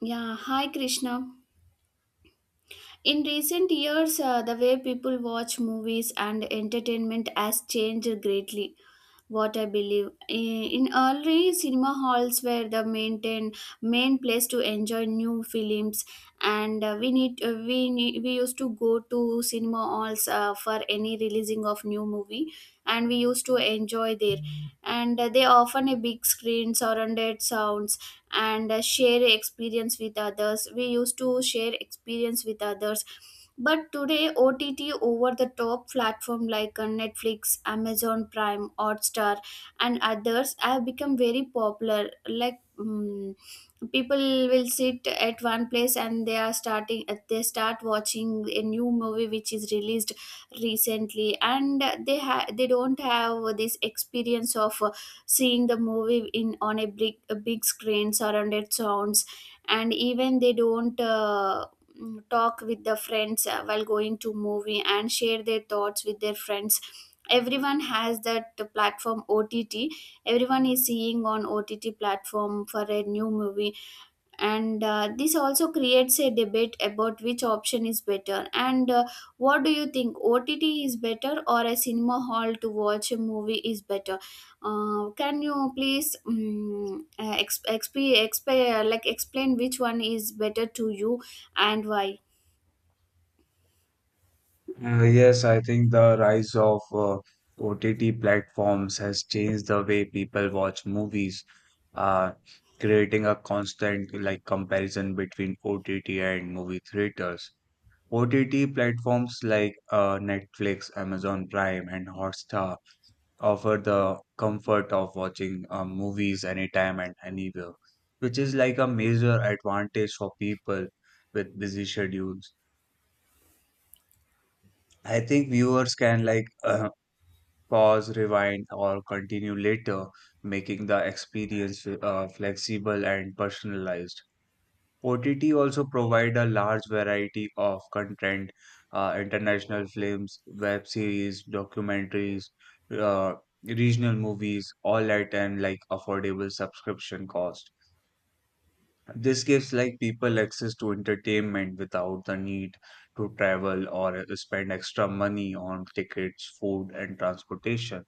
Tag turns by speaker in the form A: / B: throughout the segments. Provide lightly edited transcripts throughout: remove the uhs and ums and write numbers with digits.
A: Yeah, hi Krishna. In recent years, the way people watch movies and entertainment has changed greatly. What I believe in early cinema halls were the main place to enjoy new films, and we used to go to cinema halls for any releasing of new movie, and we used to enjoy there, and they often a big screen surrounded sounds, and share experience with others we used to share experience with others. But today OTT, over the top platform like Netflix, Amazon Prime, Hotstar and others have become very popular. Like people will sit at one place, and they start watching a new movie which is released recently, and they don't have this experience of seeing the movie in on a big screen surrounded sounds. And even they don't talk with the friends while going to movie and share their thoughts with their friends. Everyone has that platform OTT. Everyone is seeing on OTT platform for a new movie. And this also creates a debate about which option is better. And what do you think, OTT is better or a cinema hall to watch a movie is better? Can you please like explain which one is better to you, and why?
B: Yes, I think the rise of OTT platforms has changed the way people watch movies, uh, creating a constant like comparison between OTT and movie theaters. OTT platforms like Netflix, Amazon Prime, and Hotstar offer the comfort of watching movies anytime and anywhere, which is like a major advantage for people with busy schedules. I think viewers can like pause, rewind, or continue later, making the experience flexible and personalized. OTT also provide a large variety of content, international films, web series, documentaries, uh, regional movies, all at an like affordable subscription cost. This gives like people access to entertainment without the need to travel or spend extra money on tickets, food, and transportation.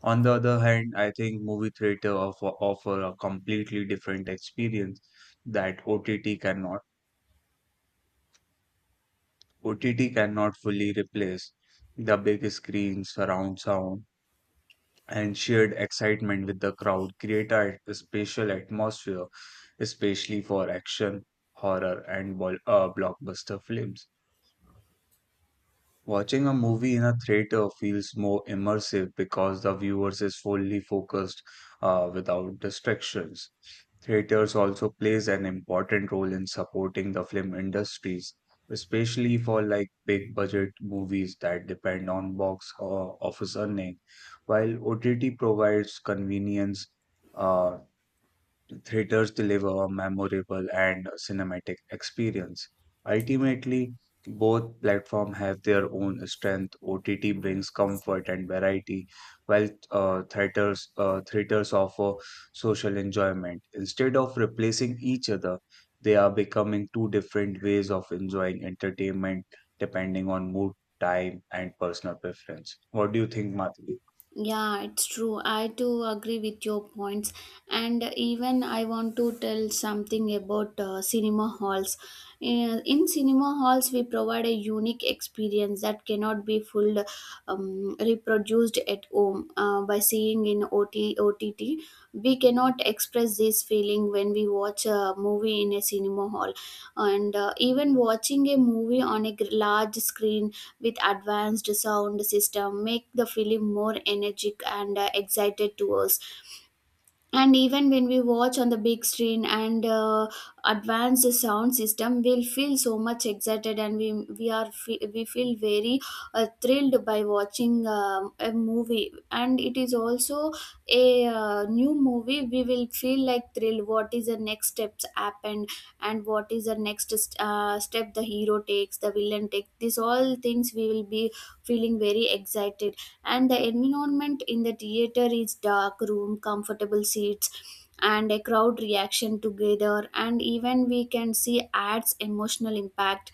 B: On the other hand, I think movie theater offer a completely different experience that OTT cannot. OTT cannot fully replace the big screen, surround sound, and shared excitement with the crowd create a special atmosphere, especially for action, horror, and blockbuster films. Watching a movie in a theater feels more immersive because the viewers is fully focused without distractions. Theaters also plays an important role in supporting the film industries, especially for like big budget movies that depend on box or office earning, while OTT provides convenience uh, Theaters deliver a memorable and cinematic experience. Ultimately, both platforms have their own strength. OTT brings comfort and variety, while theaters offer social enjoyment. Instead of replacing each other, they are becoming two different ways of enjoying entertainment depending on mood, time, and personal preference. What do you think, Madhu?
A: Yeah, it's true. I too agree with your points. And even I want to tell something about cinema halls. In cinema halls, we provide a unique experience that cannot be full reproduced at home by seeing in O T O T T. We cannot express this feeling when we watch a movie in a cinema hall. And even watching a movie on a large screen with advanced sound system make the film more energetic and excited to us. And even when we watch on the big screen and advanced sound system, we'll feel so much excited, and we feel very thrilled by watching a movie. And it is also a new movie, we will feel like thrilled what is the next steps happened. And what is the next step the hero takes, the villain takes, these all things we will be feeling very excited. And the environment in the theater is dark room, comfortable seats, and a crowd reaction together. And even we can see ads emotional impact,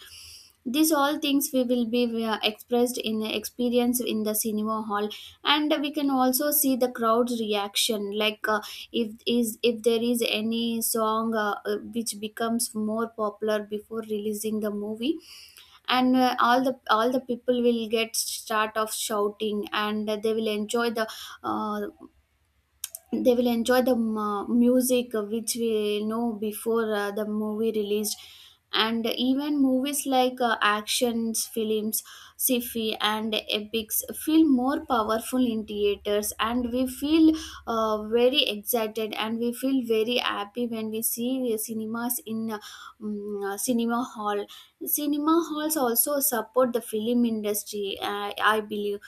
A: these all things we will be expressed in the experience in the cinema hall. And we can also see the crowd's reaction, like if there is any song which becomes more popular before releasing the movie. And all the people will get start of shouting, and they will enjoy the uh, they will enjoy the mu- music which we know before the movie released. And even movies like actions films, sci-fi and epics feel more powerful in theaters, and we feel very excited and we feel very happy when we see cinemas in mm, uh, cinema hall cinema halls. Also support the film industry, I believe,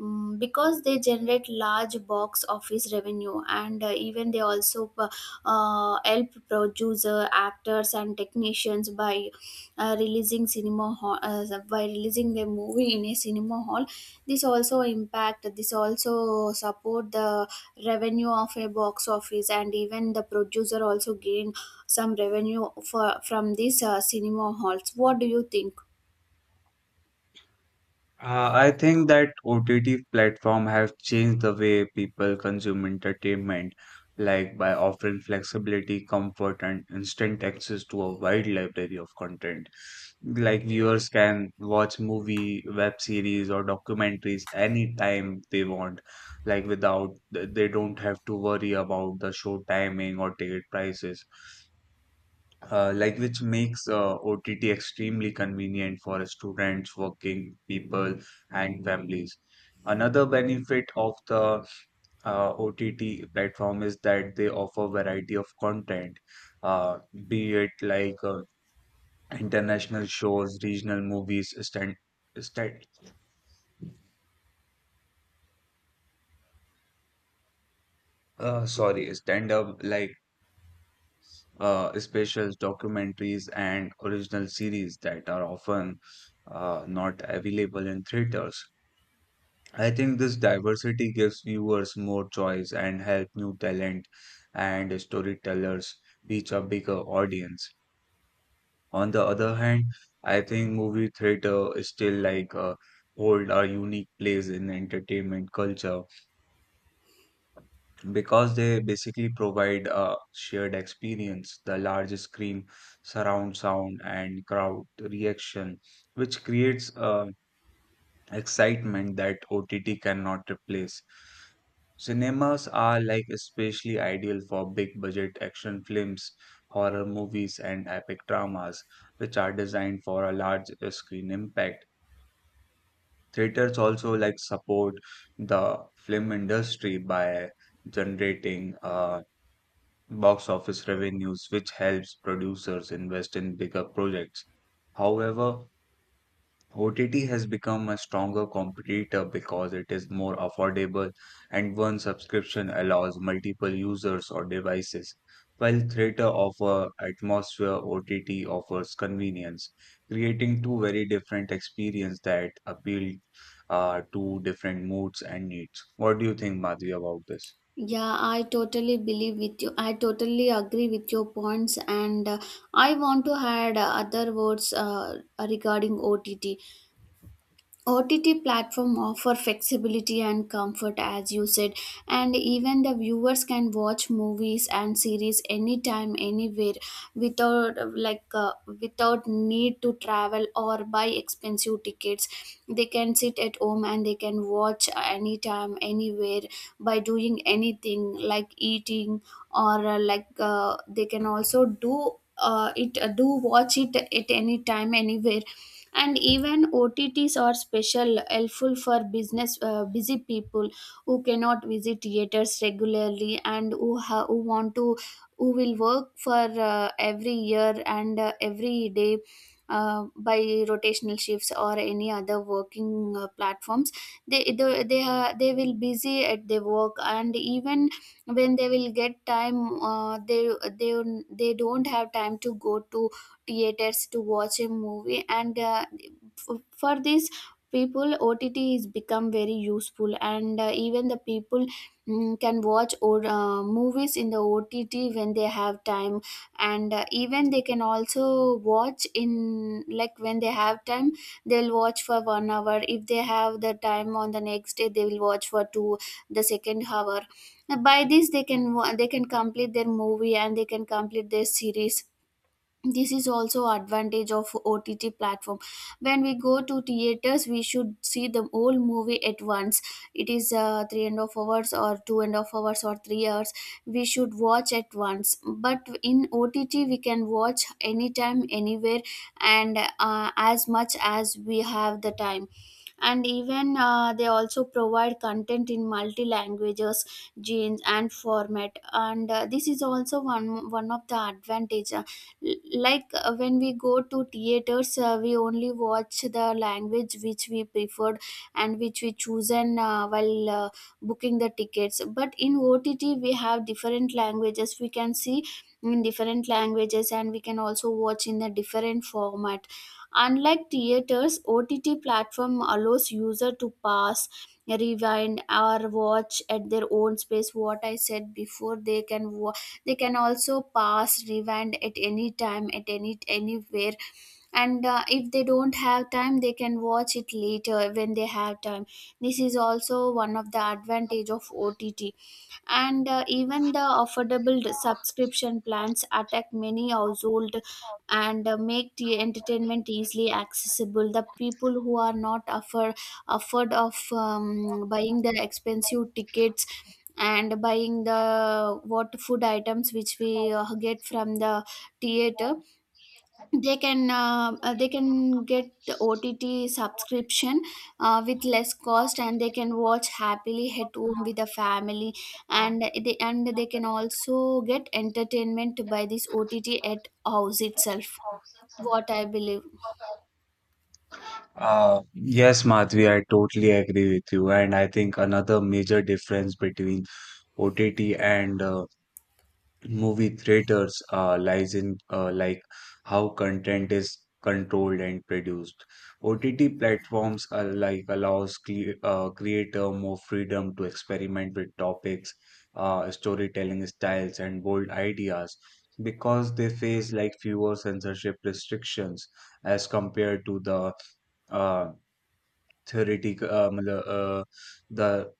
A: Because they generate large box office revenue. And even they also help producer, actors and technicians by by releasing the movie in a cinema hall. This also support the revenue of a box office. And even the producer also gain some revenue for from these cinema halls. What do you think?
B: I think that OTT platform have changed the way people consume entertainment, like by offering flexibility, comfort, and instant access to a wide library of content. Like viewers can watch movie, web series, or documentaries anytime they want, like without they don't have to worry about the show timing or ticket prices, like which makes OTT extremely convenient for students, working people, and families. Another benefit of the OTT platform is that they offer variety of content, uh, be it like international shows, regional movies, stand, stand-up like specials, documentaries, and original series that are often not available in theaters. I think this diversity gives viewers more choice and help new talent and storytellers reach a bigger audience. On the other hand, I think movie theater is still like hold a unique place in entertainment culture because they basically provide a shared experience, the large screen, surround sound, and crowd reaction, which creates a excitement that OTT cannot replace. Cinemas are like especially ideal for big budget action films, horror movies, and epic dramas, which are designed for a large screen impact. Theaters also like support the film industry by generating box office revenues, which helps producers invest in bigger projects. However, OTT has become a stronger competitor because it is more affordable and one subscription allows multiple users or devices. While theater offer atmosphere, OTT offers convenience, creating two very different experiences that appeal to different moods and needs. What do you think, Madhvi, about this?
A: Yeah, I totally believe with you. I totally agree with your points, and I want to add other words regarding OTT. OTT platform offer flexibility and comfort, as you said. And even the viewers can watch movies and series anytime, anywhere, without uh, like uh, without need to travel or buy expensive tickets. They can sit at home and they can watch anytime, anywhere by doing anything, like eating. Or like they can also do it do watch it at any time, anywhere. And even OTTs are special helpful for business busy people who cannot visit theaters regularly, and who want to, who will work for every year and every day by rotational shifts or any other working platforms. They they will busy at their work. And even when they will get time, they they don't have time to go to theaters to watch a movie. And for this people, OTT is become very useful. And even the people can watch or movies in the OTT when they have time. And even they can also watch in like when they have time, they'll watch for 1 hour. If they have the time, on the next day they will watch for two, the second hour. By this, they can complete their movie and they can complete their series. This is also advantage of OTT platform. When we go to theaters, we should see the whole movie at once. It is three and a half hours or two and a half hours or 3 hours, we should watch at once. But in OTT we can watch anytime, anywhere, and as much as we have the time. And even they also provide content in multi languages, genes and format. And this is also one of the advantage. L- like when we go to theaters, we only watch the language which we preferred and which we chosen while booking the tickets. But in OTT we have different languages, we can see in different languages, and we can also watch in a different format. Unlike theaters, OTT platform allows user to pause, rewind, or watch at their own space. What I said before, they can also pause, rewind at any time, at any anywhere. And if they don't have time, they can watch it later when they have time. This is also one of the advantage of OTT. And even the affordable subscription plans attack many household, and make the entertainment easily accessible. The people who are not afford of buying the expensive tickets and buying the what food items which we get from the theater, they can get the OTT subscription with less cost, and they can watch happily at home with the family. And they can also get entertainment by this OTT at house itself, what I believe.
B: Yes, Madhvi, I totally agree with you. And I think another major difference between OTT and movie theaters lies in like how content is controlled and produced. OTT platforms are like allows creator more freedom to experiment with topics, storytelling styles, and bold ideas because they face like fewer censorship restrictions as compared to the uh, theoretic uh, मतलब, uh, the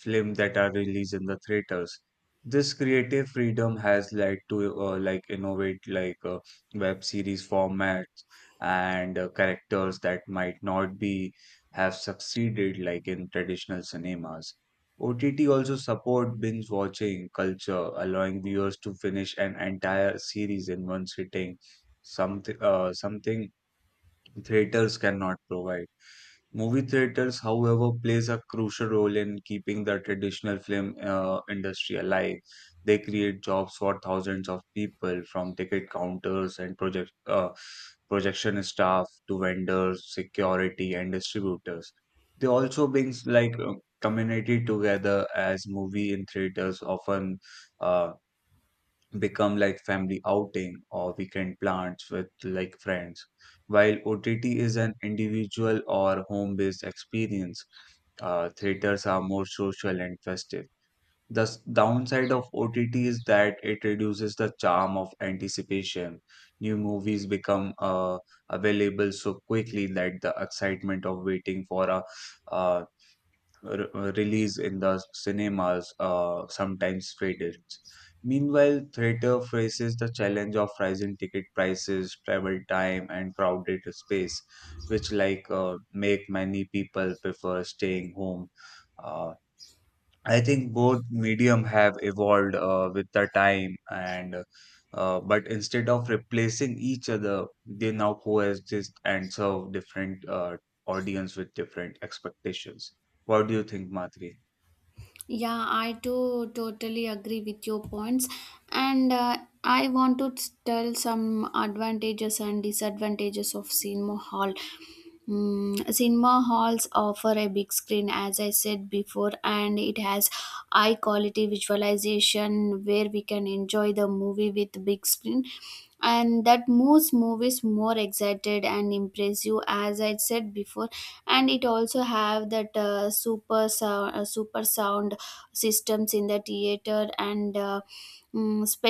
B: film that are released in the theaters. This creative freedom has led to like innovate like web series formats and characters that might not be have succeeded like in traditional cinemas. OTT also support binge watching culture, allowing viewers to finish an entire series in one sitting, something theaters cannot provide. Movie theaters, however, plays a crucial role in keeping the traditional film industry alive. They create jobs for thousands of people, from ticket counters and projection staff to vendors, security, and distributors. They also brings like community together as movie in theaters often uh, become like family outing or weekend plans with like friends. While OTT is an individual or home-based experience, theaters are more social and festive. The downside of OTT is that it reduces the charm of anticipation. New movies become available so quickly that the excitement of waiting for a, uh release in the cinemas, sometimes traded. Meanwhile, theater faces the challenge of rising ticket prices, travel time, and crowded space, which like make many people prefer staying home. Uh, I think both medium have evolved with the time, and but instead of replacing each other, they now coexist and serve different audience with different expectations. What do you think, Madhuri?
A: Yeah, I too totally agree with your points, and I want to tell some advantages and disadvantages of cinema hall. Cinema halls offer a big screen, as I said before, and it has high quality visualization where we can enjoy the movie with big screen, and that moves movies more excited and impressive, as I said before. And it also have that super sound systems in the theater and mm,